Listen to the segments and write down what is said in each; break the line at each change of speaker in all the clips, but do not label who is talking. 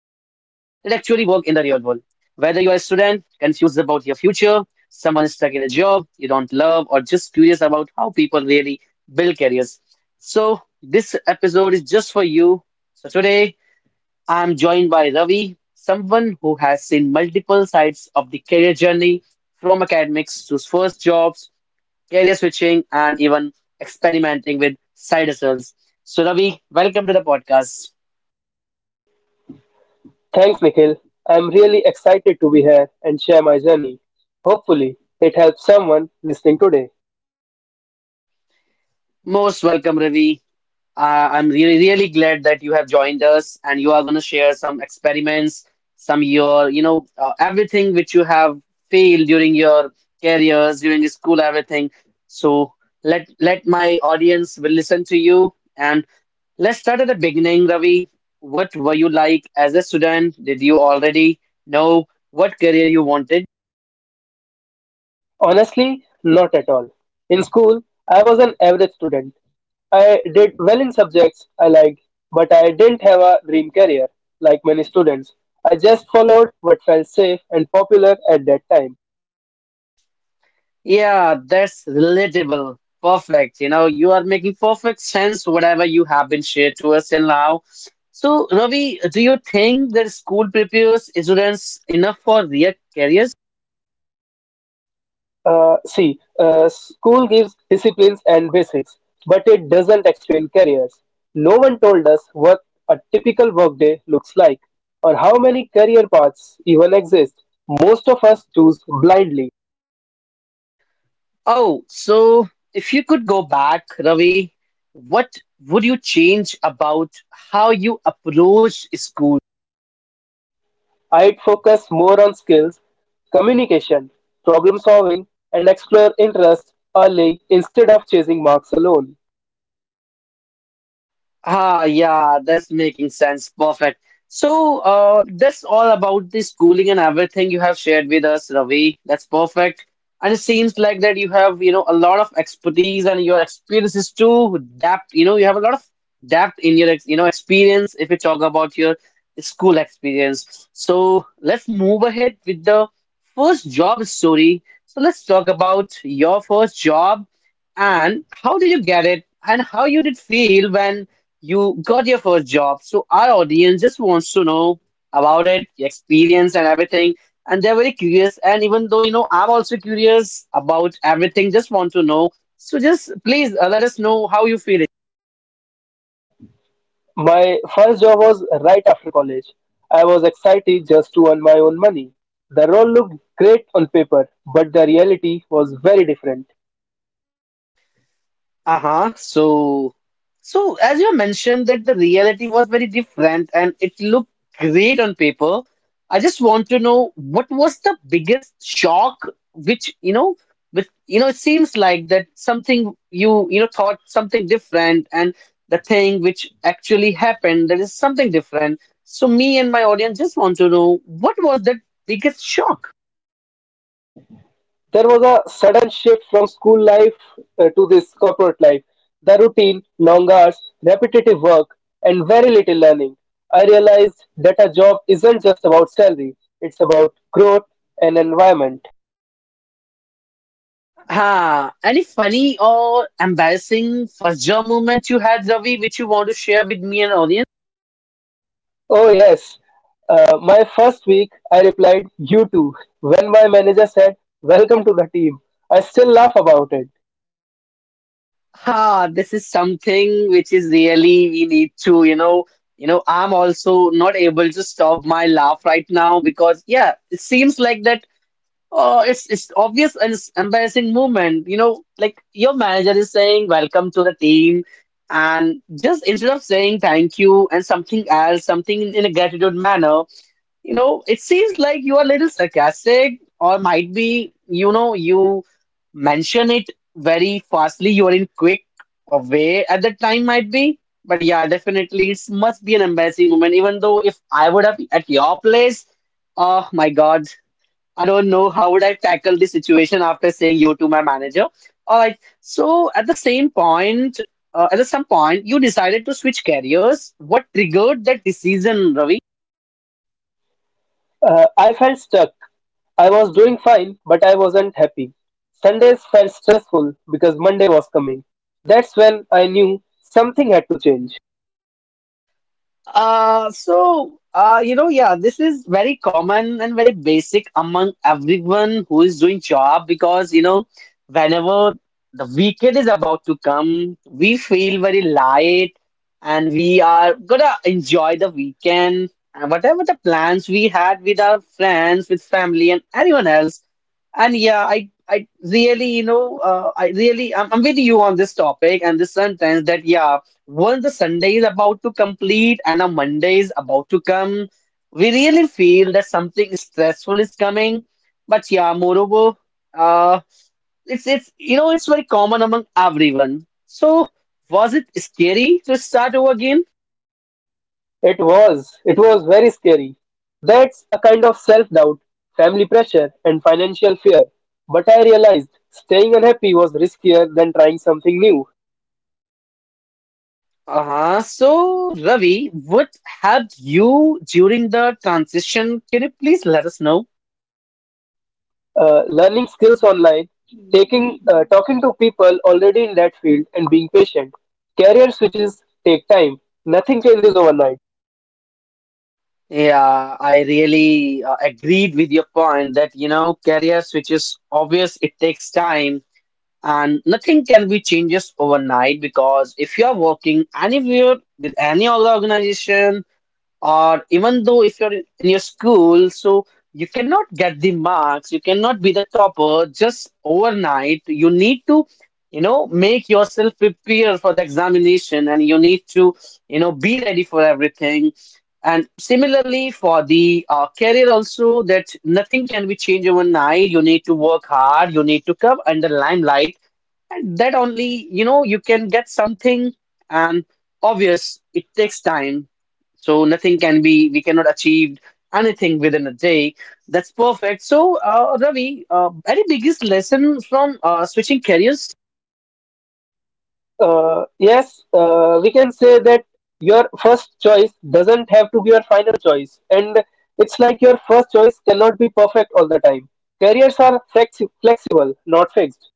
real world. Whether you're a student confused about your future, someone stuck in a job you don't love, or just curious about how people really build careers. So, this episode is just for you. So, today I'm joined by Ravi, someone who has seen multiple sides of the career journey from academics to first jobs, career switching, and even experimenting with side hustles. So, Ravi, welcome to the podcast.
Thanks, Nikhil. I'm really excited to be here and share my journey. Hopefully, it helps someone listening today.
Most welcome, Ravi. I'm really, really glad that you have joined us and you are going to share some experiments, some your, you know, everything which you have failed during your careers, during your school, everything. So let my audience will listen to you and let's start at the beginning, Ravi. What were you like as a student? Did you already know what career you wanted?
Honestly, not at all. In school, I was an average student. I did well in subjects I liked, but I didn't have a dream career like many students. I just followed what felt safe and popular at that time.
Yeah, that's relatable. Perfect. You know, you are making perfect sense whatever you have been shared to us till now. So, Ravi, do you think that school prepares students enough for real careers?
School gives disciplines and basics, but it doesn't explain careers. No one told us what a typical workday looks like or how many career paths even exist. Most of us choose blindly.
Oh, so if you could go back, Ravi, what would you change about how you approach school?
I'd focus more on skills, communication, problem solving, and explore interests early instead of chasing marks alone.
Ah, yeah, that's making sense. Perfect. So, that's all about the schooling and everything you have shared with us, Ravi. That's perfect. And it seems like that you have, you know, a lot of expertise and your experience is too depth. You know, you have a lot of depth in your, you know, experience if you talk about your school experience. So let's move ahead with the first job story. So let's talk about your first job and how did you get it and how you did feel when you got your first job, so our audience just wants to know about it, your experience and everything. And they're very curious. And even though, you know, I'm also curious about everything, just want to know. So just please let us know how you feel.
My first job was right after college. I was excited just to earn my own money. The role looked great on paper, but the reality was very different.
Uh-huh. So, as you mentioned that the reality was very different and it looked great on paper. I just want to know what was the biggest shock which, you know, with you know, it seems like that something you, you know, thought something different and the thing which actually happened, that is something different. So me and my audience just want to know what was that biggest shock?
There was a sudden shift from school life to this corporate life. The routine, long hours, repetitive work, and very little learning. I realized that a job isn't just about salary, it's about growth and environment.
Ah, any funny or embarrassing first job moment you had, Ravi, which you want to share with me and audience?
Oh, yes. My first week, I replied, "You too," when my manager said, "Welcome to the team." I still laugh about it.
Ah, this is something which is really we need to, I'm also not able to stop my laugh right now because yeah, it seems like that. Oh, it's obvious and it's embarrassing moment. You know, like your manager is saying, "Welcome to the team," and just instead of saying thank you and something else, something in a gratitude manner. You know, it seems like you are a little sarcastic, or might be, you know, you mention it very fastly. You are in quick a way at that time, might be. But yeah, definitely, it must be an embarrassing moment. Even though if I would have at your place, oh my God, I don't know how would I tackle the situation after saying you to my manager. All right. So at the same point, at the some point, you decided to switch careers. What triggered that decision, Ravi?
I felt stuck. I was doing fine, but I wasn't happy. Sundays felt stressful because Monday was coming. That's when I knew something had to change.
You know, yeah, this is very common and very basic among everyone who is doing job because, you know, whenever the weekend is about to come, we feel very light and we are gonna enjoy the weekend and whatever the plans we had with our friends, with family and anyone else. And yeah, I really, I really, I'm with you on this topic and this sentence that, yeah, once the Sunday is about to complete and a Monday is about to come, we really feel that something stressful is coming. But yeah, moreover, uh, it's you know it's very common among everyone. So was it scary to start over again?
It was. It was very scary. That's a kind of self doubt, family pressure, and financial fear. But I realized staying unhappy was riskier than trying something new.
Uh-huh. So Ravi, what helped you during the transition? Can you please let us know?
Learning skills online, taking talking to people already in that field, and being patient. Career switches take time. Nothing changes overnight.
Yeah, I really agreed with your point that you know career switches obvious it takes time and nothing can be changes overnight because if you are working anywhere with any other organization or even though if you're in your school so you cannot get the marks, you cannot be the topper just overnight. You need to, you know, make yourself prepare for the examination and you need to, you know, be ready for everything. And similarly for the career also, that nothing can be changed overnight. You need to work hard, you need to come under limelight, that only you know you can get something. And obvious it takes time, so nothing can be, we cannot achieve anything within a day. That's perfect. So Ravi, any biggest lesson from switching careers?
Yes, we can say that your first choice doesn't have to be your final choice, and it's like your first choice cannot be perfect all the time. Careers are flexible, not fixed.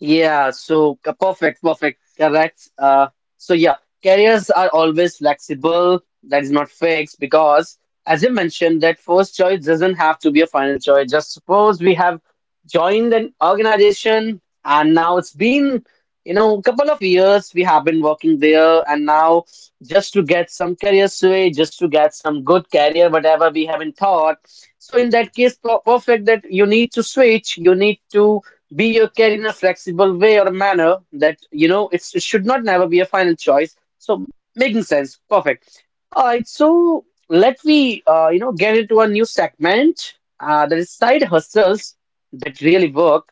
Yeah, so perfect, perfect, correct. So yeah, careers are always flexible. That is not fixed because, as you mentioned, that first choice doesn't have to be a final choice. Just suppose we have joined an organization and now it's been, you know, a couple of years we have been working there, and now just to get some career sway, just to get some good career, whatever we have not thought. So in that case, perfect that you need to switch, you need to be your care in a flexible way or manner, that you know it's, it should not never be a final choice. So making sense. Perfect. All right, so let me, you know, get into a new segment, that is side hustles that really work.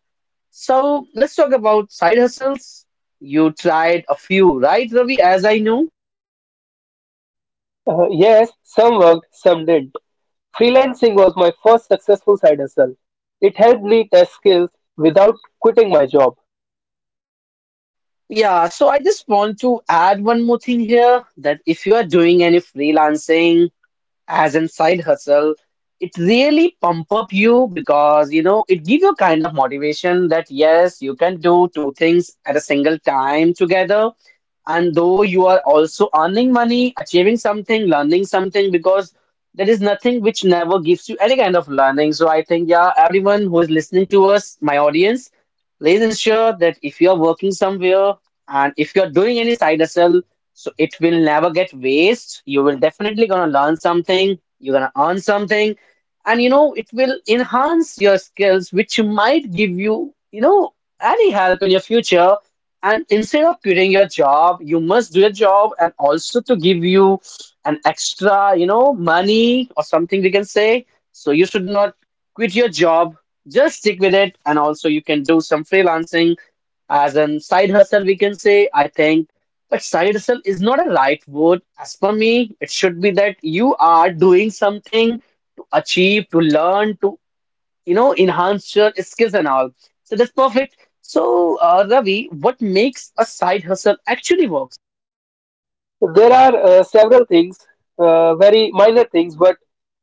So let's talk about side hustles. You tried a few, right, Ravi, as I know?
Yes, some worked, some didn't. Freelancing was my first successful side hustle. It helped me test skills without quitting my job.
Yeah, so I just want to add one more thing here, that if you are doing any freelancing as in side hustle, it really pump up you because you know it give you kind of motivation that yes you can do two things at a single time together, and though you are also earning money, achieving something, learning something, because there is nothing which never gives you any kind of learning. So I think, yeah, everyone who is listening to us, my audience, please ensure that if you are working somewhere and if you are doing any side hustle, so it will never get waste. You will definitely gonna learn something. You're gonna earn something, and you know it will enhance your skills, which might give you, you know, any help in your future. And instead of quitting your job, you must do your job, and also to give you an extra, you know, money or something we can say. So you should not quit your job. Just stick with it, and also you can do some freelancing as an side hustle we can say, I think. But side hustle is not a right word as per me. It should be that you are doing something to achieve, to learn, to, you know, enhance your skills and all. So that's perfect. So Ravi, what makes a side hustle actually work?
There are several things, very minor things, but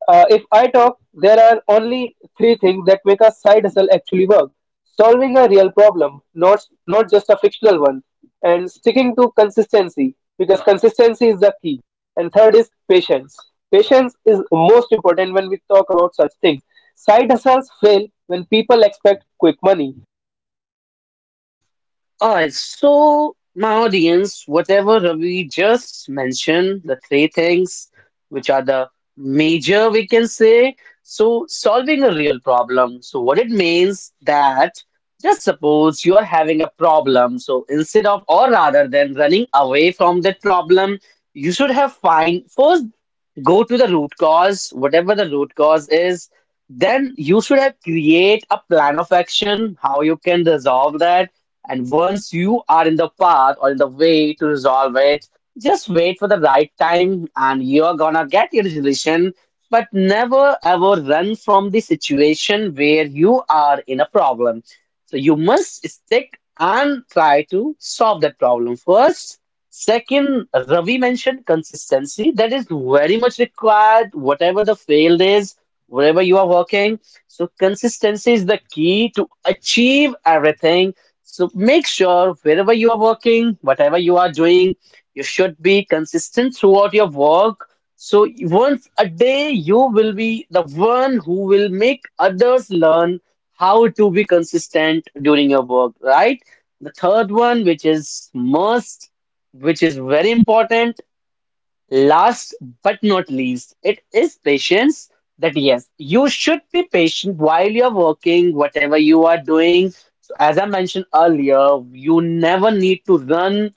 if I talk, there are only three things that make a side hustle actually work: solving a real problem, not just a fictional one, and sticking to consistency because consistency is the key. And third is patience. Patience is most important when we talk about such things. Side hustles fail when people expect quick money.
Alright, so my audience, whatever Ravi just mentioned, the three things which are the major we can say. So solving a real problem. So what it means that just suppose you are having a problem. So instead of or rather than running away from that problem, you should have find first, go to the root cause, whatever the root cause is, then you should have create a plan of action, how you can resolve that. And once you are in the path or in the way to resolve it, just wait for the right time and you're gonna get your resolution. But never ever run from the situation where you are in a problem. So you must stick and try to solve that problem first. Second, Ravi mentioned consistency. That is very much required, whatever the field is, wherever you are working. So, consistency is the key to achieve everything. So, make sure wherever you are working, whatever you are doing, you should be consistent throughout your work. So, once a day, you will be the one who will make others learn how to be consistent during your work, right? The third one, which is must, which is very important. Last but not least, it is patience. That yes, you should be patient while you're working, whatever you are doing. So, as I mentioned earlier, you never need to run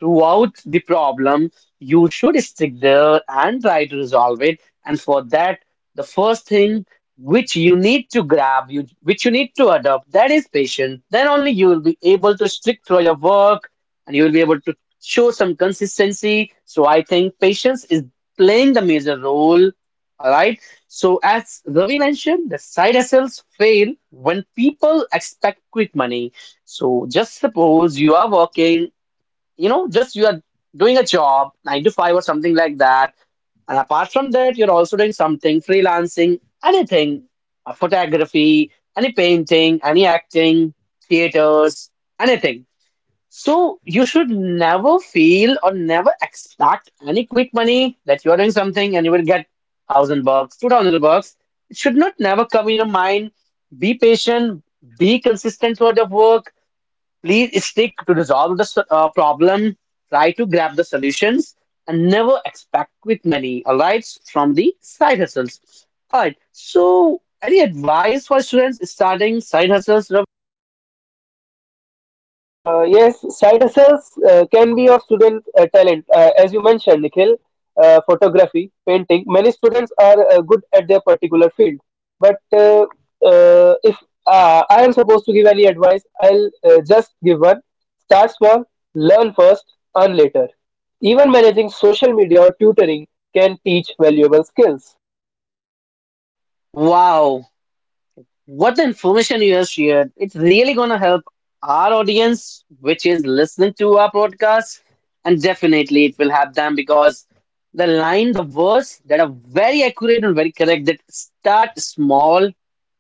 throughout the problem, you should stick there and try to resolve it. And for that, the first thing which you need to grab, you need to adopt, that is patience. Then only you will be able to stick through your work and you will be able to show some consistency. So I think patience is playing the major role. All right. So as Ravi mentioned, the side hustles fail when people expect quick money. So just suppose you are working, you know just you are doing a job 9 to 5 or something like that, and apart from that you're also doing something freelancing, anything, photography, any painting, any acting, theaters, anything. So you should never feel or never expect any quick money, that you are doing something and you will get 1,000 bucks, 2,000 bucks. It should not never come in your mind. Be patient, be consistent toward your work. Please stick to resolve the problem, try to grab the solutions, and never expect quick money, all right, from the side hustles. All right, so any advice for students starting side hustles?
Yes, side hustles can be of student talent, as you mentioned, Nikhil. Photography, painting. Many students are good at their particular field, but if I am supposed to give any advice, I'll just give one. Start small, learn first, earn later. Even managing social media or tutoring can teach valuable skills.
Wow, what the information you have shared, it's really gonna help our audience, which is listening to our podcast, and definitely it will help them because the line, the words that are very accurate and very correct, that start small,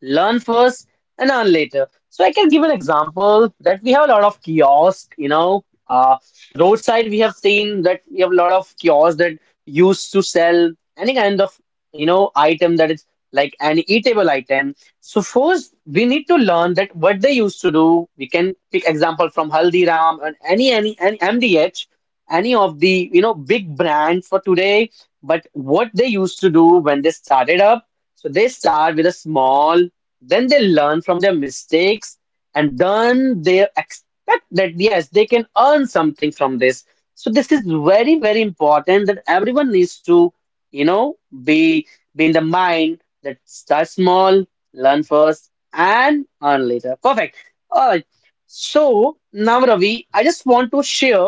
learn first, and earn later. So I can give an example that we have a lot of kiosks, roadside. We have seen that we have a lot of kiosks that used to sell any kind of, item, that is like an eatable item. So first, we need to learn that what they used to do. We can pick example from Haldiram and any MDH, any of the, big brands for today. But what they used to do when they started up. So they start with a small, then they learn from their mistakes, and then they expect that yes, they can earn something from this. So this is very important that everyone needs to, you know be be in the mind, let's start small, learn first, and earn later. Perfect. All right. So now, Ravi, I just want to share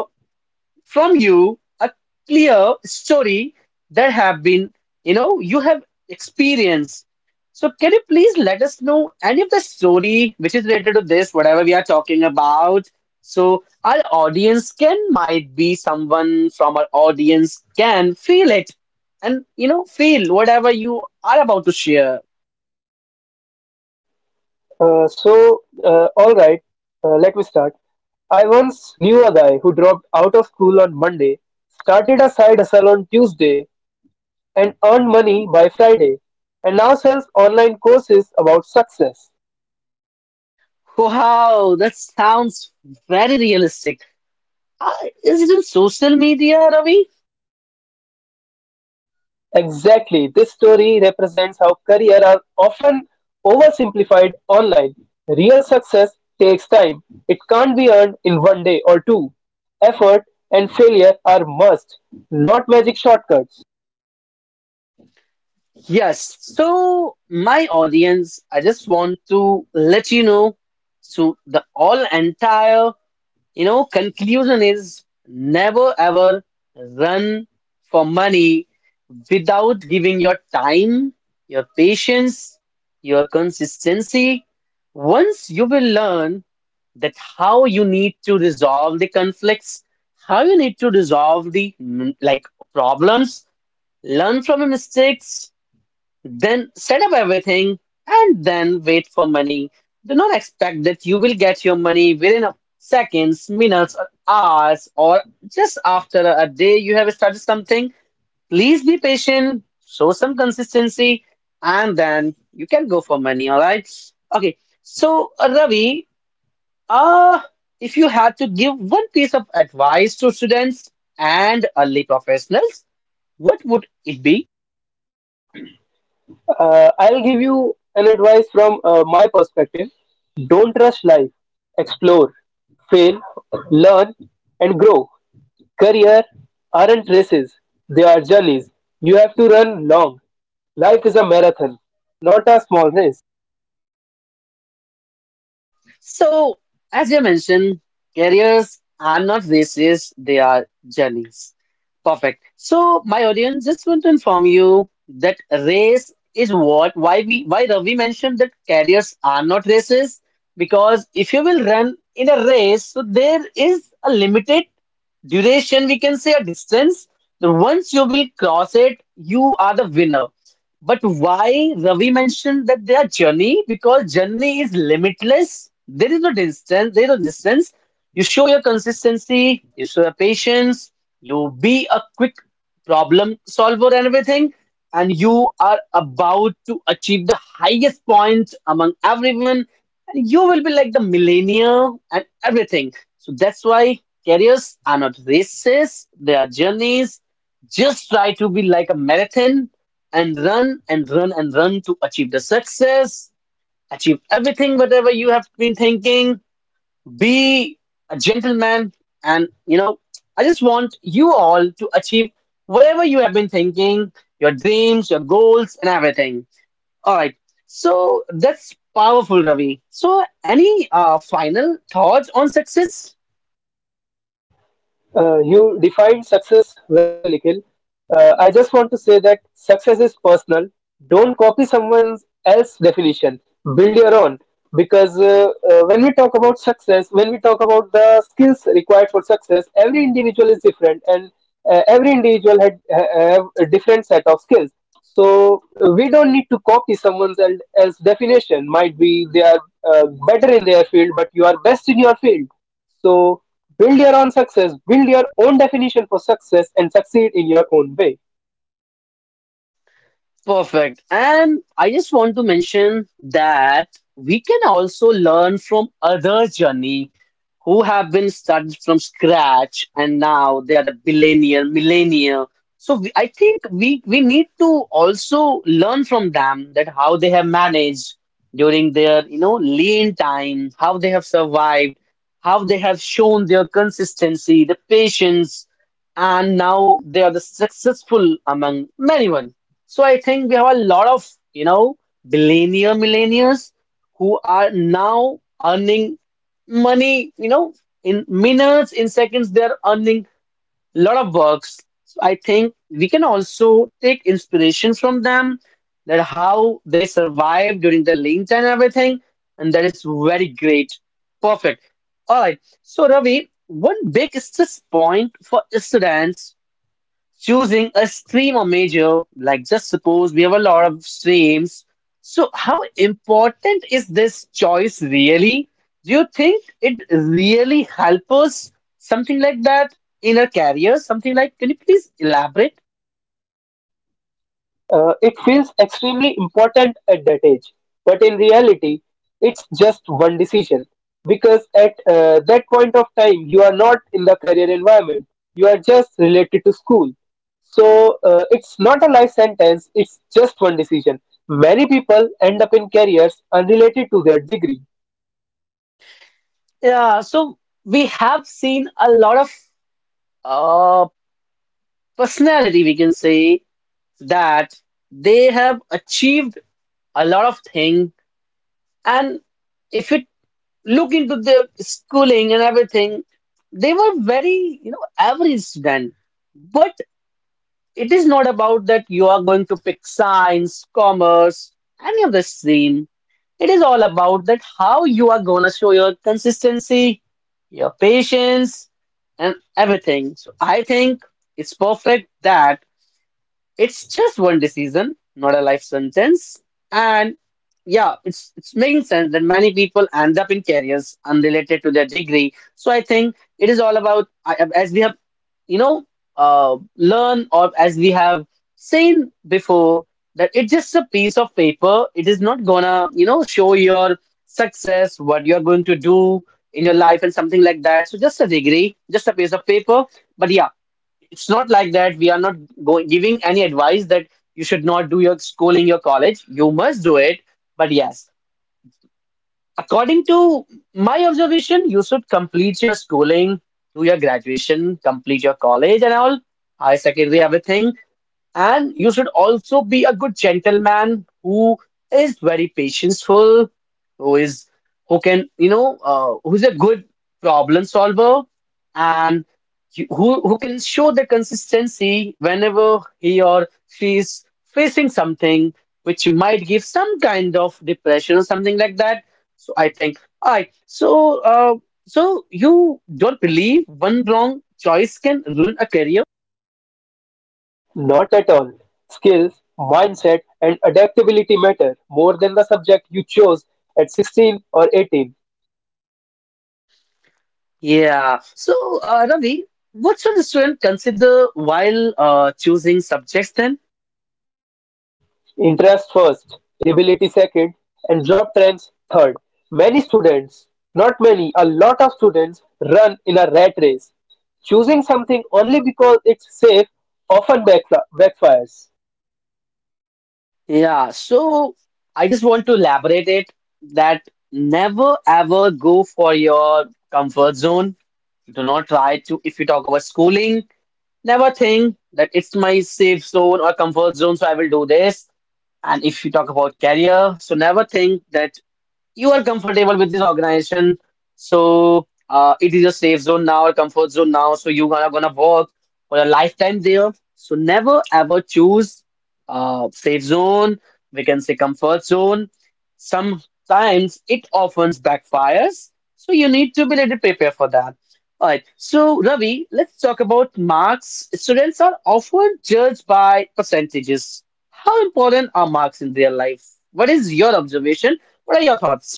from you a clear story that have been, you know, you have experienced. So can you please let us know any of the story which is related to this, whatever we are talking about? So our audience can might be someone from our audience can feel it and, you know, feel whatever you are about to share.
All right, let me start. I once knew a guy who dropped out of school on Monday, started a side hustle on Tuesday, and earned money by Friday, and now sells online courses about success.
Wow, that sounds very realistic. Uh, is it in social media, Ravi?
Exactly, this story represents how career are often oversimplified online. Real success takes time. It can't be earned in 1 day or two. Effort and failure are must, not magic shortcuts.
Yes. So, my audience, I just want to let you know. So, the all entire, you know, conclusion is never ever run for money without giving your time, your patience, your consistency. Once you will learn that how you need to resolve the conflicts, how you need to resolve the like problems, learn from your mistakes, then set up everything, and then wait for money. Do not expect that you will get your money within a seconds, minutes, or hours, or just after a day you have started something. Please be patient, show some consistency, and then you can go for money. All right. Okay. So, Ravi, uh, if you had to give one piece of advice to students and early professionals, what would it be?
I'll give you an advice from my perspective. Don't rush life. Explore, fail, learn, and grow. Career aren't races, they are journeys. You have to run long. Life is a marathon, not a small race.
Wow. So, as you mentioned, careers are not races, they are journeys. Perfect. So, my audience just want to inform you that race is what, why Ravi mentioned that careers are not races, because if you will run in a race, so there is a limited duration, we can say a distance. Then once you will cross it, you are the winner. But why Ravi mentioned that they are journey? Because journey is limitless. There is no distance. You show your consistency. You show your patience. You be a quick problem solver and everything, and you are about to achieve the highest point among everyone. And you will be like the millennial and everything. So that's why careers are not races. They are journeys. Just try to be like a marathon and run and run and run to achieve the success, achieve everything, whatever you have been thinking. Be a gentleman. And, you know, I just want you all to achieve whatever you have been thinking, your dreams, your goals, and everything. All right. So that's powerful, Ravi. So, any final thoughts on success?
You defined success very well, Nikhil. I just want to say that success is personal. Don't copy someone else's definition. Build your own. Because when we talk about success, when we talk about the skills required for success, every individual is different, and every individual have a different set of skills. So we don't need to copy someone else's definition. Might be they are better in their field, but you are best in your field. So. Build your own success, build your own definition for success, and succeed in your own way.
Perfect. And I just want to mention that we can also learn from other journey who have been started from scratch and now they are the billionaire, millennial. So I think we need to also learn from them that how they have managed during their, you know, lean time, how they have survived, how they have shown their consistency, the patience, and now they are the successful among many one. So I think we have a lot of, you know, billionaire millennials who are now earning money, you know, in minutes, in seconds, they're earning a lot of bucks. So I think we can also take inspiration from them that how they survive during the link and everything. And that is very great. Perfect. All right. So Ravi, one big stress point for students choosing a stream or major, like just suppose we have a lot of streams. So, how important is this choice really? Do you think it really helps us something like that in a career? Something like, can you please elaborate?
It feels extremely important at that age, but in reality, it's just one decision because at that point of time, you are not in the career environment, you are just related to school. So it's not a life sentence, it's just one decision. Many people end up in careers unrelated to their degree.
Yeah, so we have seen a lot of, uh, personality, we can say, that they have achieved a lot of thing, and if you look into their schooling and everything, they were very, you know, average student. But it is not about that you are going to pick science, commerce, any of the stream. It is all about that how you are gonna show your consistency, your patience, and everything. So I think it's perfect that it's just one decision, not a life sentence. And yeah, it's making sense that many people end up in careers unrelated to their degree. So I think it is all about, as we have, you know, learn, or as we have seen before, that it's just a piece of paper. It is not gonna, you know, show your success, what you're going to do in your life and something like that. So just a degree, just a piece of paper. But yeah, it's not like that. We are not going giving any advice that you should not do your schooling, your college. You must do it. But yes, according to my observation, you should complete your schooling, do your graduation, complete your college and all, higher secondary, everything, and you should also be a good gentleman who is very patientful, who is, who's a good problem solver and who can show the consistency whenever he or she is facing something which might give some kind of depression or something like that. So I think, all right. So so you don't believe one wrong choice can ruin a career?
Not at all. Skills, mindset, and adaptability matter more than the subject you chose at 16 or 18.
Yeah. So, Ravi, what should a student consider while choosing subjects then?
Interest first, ability second, and job trends third. Many students, not many, a lot of students run in a rat race. Choosing something only because it's safe often backfires.
Yeah. So, I just want to elaborate it that never ever go for your comfort zone. Do not try to, if you talk about schooling, never think that it's my safe zone or comfort zone, so I will do this. And if you talk about career, so never think that you are comfortable with this organization, so it is a safe zone now, a comfort zone now, so you're gonna work for a lifetime there. So never ever choose safe zone, we can say comfort zone. Sometimes it often backfires, so you need to be ready prepared for that. All right, so Ravi, let's talk about marks. Students are often judged by percentages. How important are marks in their life? What is your observation? What are your thoughts?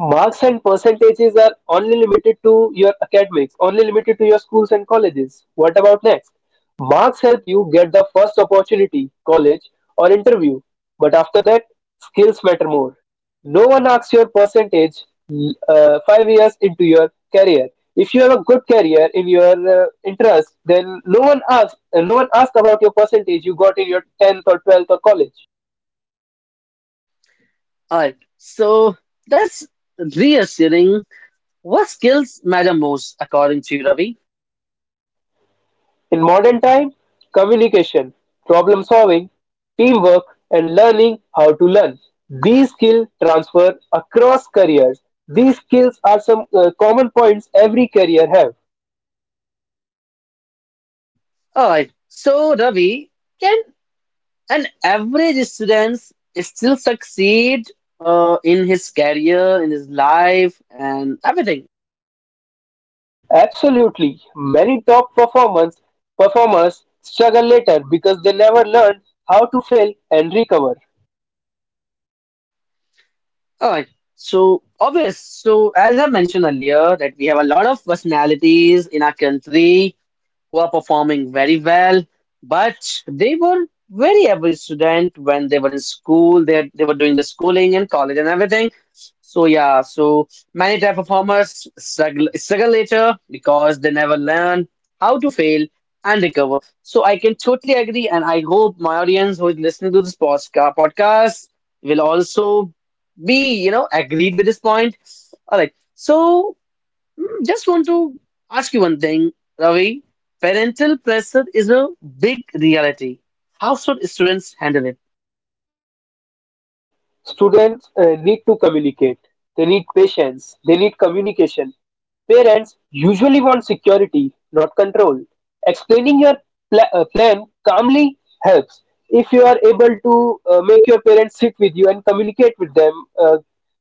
Marks and percentages are only limited to your academics, only limited to your schools and colleges. What about next? Marks help you get the first opportunity, college, or interview. But after that, skills matter more. No one asks your percentage 5 years into your career. If you have a good career in your interest, then no one asks. No one asks about your percentage you got in your tenth or twelfth or college.
All right. So that's reassuring. What skills matter most according to you, Ravi?
In modern time, communication, problem solving, teamwork, and learning how to learn. These skills transfer across careers. These skills are some common points every career have.
All right. So, Ravi, can an average student still succeed in his career, in his life, and everything?
Absolutely, many top performers performers struggle later because they never learned how to fail and recover.
All right. So, obvious. So, as I mentioned earlier, that we have a lot of personalities in our country who are performing very well, but they were very average student when they were in school. They were doing the schooling and college and everything. So yeah, so many type performers struggle later because they never learn how to fail and recover. So I can totally agree, and I hope my audience who is listening to this podcast will also be, you know, agreed with this point. All right, so, just want to ask you one thing, Ravi. Parental pressure is a big reality. How should students handle it?
Students need to communicate. They need patience. They need communication. Parents usually want security, not control. Explaining your plan calmly helps. If you are able to make your parents sit with you and communicate with them uh,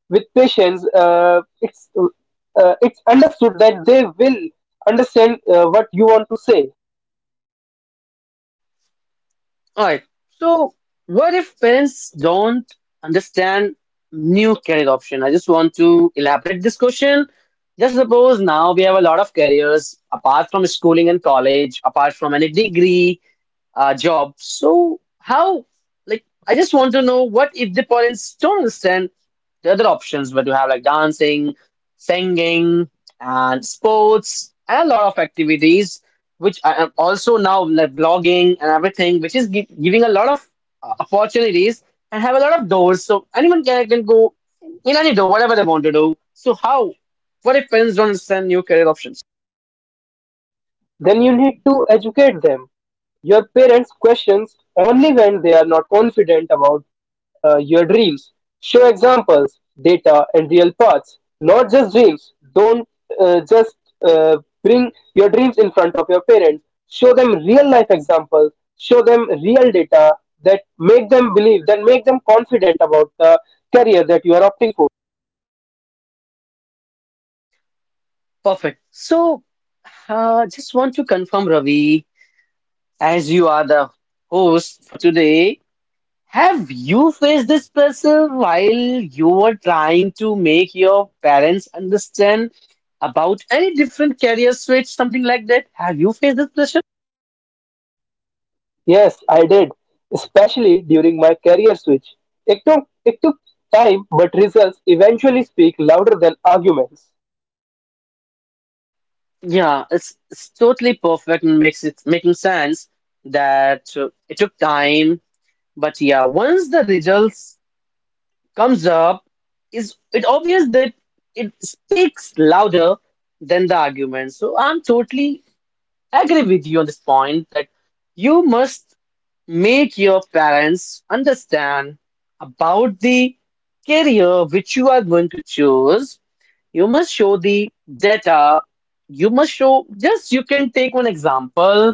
with patience, it's understood that they will understand what you want to say.
All right. So, what if parents don't understand new career option? I just want to elaborate this question. Just suppose now we have a lot of careers apart from schooling and college, apart from any degree. Job. So how, like, I just want to know what if the parents don't understand the other options, where you have like dancing, singing, and sports, and a lot of activities, which I am also now like vlogging and everything, which is giving a lot of opportunities and have a lot of doors. So anyone can go in any door, whatever they want to do. So how? What if parents don't understand new career options?
Then you need to educate them. Your parents questions only when they are not confident about your dreams. Show examples, data, and real paths, not just dreams. Don't just uh, bring your dreams in front of your parents. Show them real life examples, show them real data that make them believe, that make them confident about the career that you are opting for.
Perfect. So, just want to confirm, Ravi. As you are the host for today, have you faced this pressure while you were trying to make your parents understand about any different career switch, something like that? Have you faced this pressure?
Yes, I did, especially during my career switch. It took time, but results eventually speak louder than arguments.
Yeah, it's totally perfect and makes it making sense that it took time, but yeah, once the results comes up, is it obvious that it speaks louder than the argument. So I agree with you on this point that you must make your parents understand about the career which you are going to choose. You must show the data. You must show, just you can take one example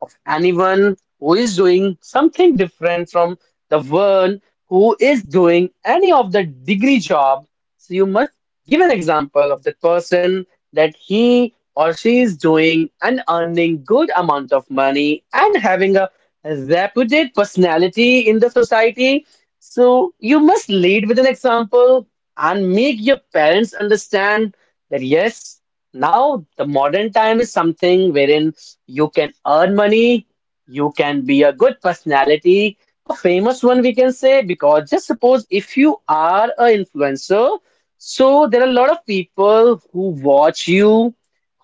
of anyone who is doing something different from the one who is doing any of the degree job. So you must give an example of the person that he or she is doing and earning good amount of money and having a reputed personality in the society. So you must lead with an example and make your parents understand that yes, now the modern time is something wherein you can earn money, you can be a good personality, a famous one we can say, because just suppose if you are a influencer, so there are a lot of people who watch you,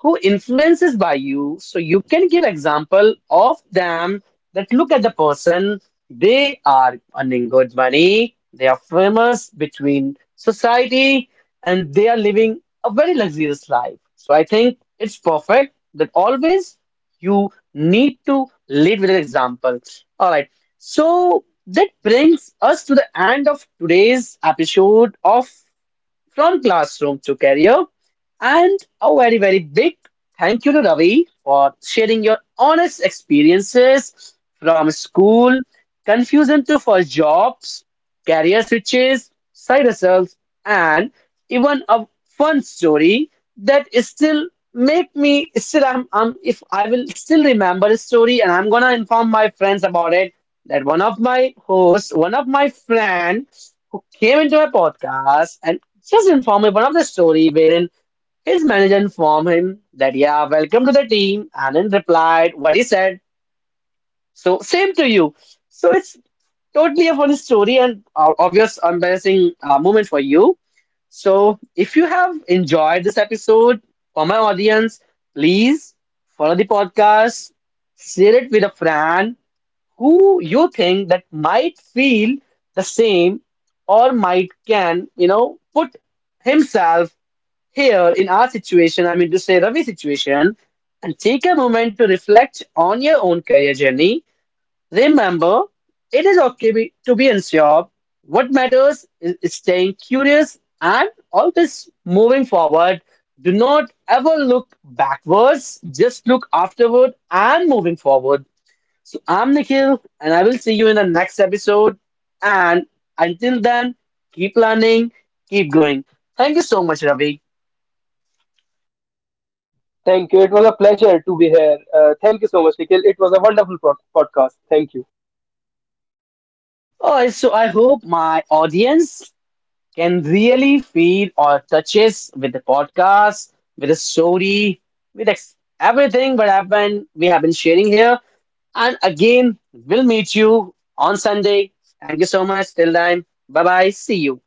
who influences by you, so you can give example of them that look at the person. They are earning good money. They are famous between society and they are living a very luxurious life. So I think it's perfect that always you need to lead with an example. All right. So that brings us to the end of today's episode of From Classroom to Career. And a very, very big thank you to Ravi for sharing your honest experiences from school, confusion to first jobs, career switches, side hustles, and even a fun story that is still make me still I'm if I will still remember the story and I'm gonna inform my friends about it, that one of my hosts, one of my friend who came into my podcast and just informed me one of the story wherein his manager informed him that yeah, welcome to the team, and then replied what he said. So same to you. So it's totally a funny story and obvious embarrassing moment for you. So if you have enjoyed this episode for my audience, please follow the podcast, share it with a friend who you think that might feel the same or might can you know put himself here, in our situation, I mean to say Ravi's situation, and take a moment to reflect on your own career journey. Remember, it is okay to be unsure. What matters is staying curious and always moving forward. Do not ever look backwards, just look afterward and moving forward. So, I'm Nikhil, and I will see you in the next episode. And until then, keep learning, keep going. Thank you so much, Ravi.
Thank you. It was a pleasure to be here. Thank you so much, Nikhil. It was a wonderful podcast. Thank you.
Oh, so I hope my audience can really feel or touches with the podcast, with the story, with ex everything what happened we have been sharing here. And again, we'll meet you on Sunday. Thank you so much. Till then, bye bye. See you.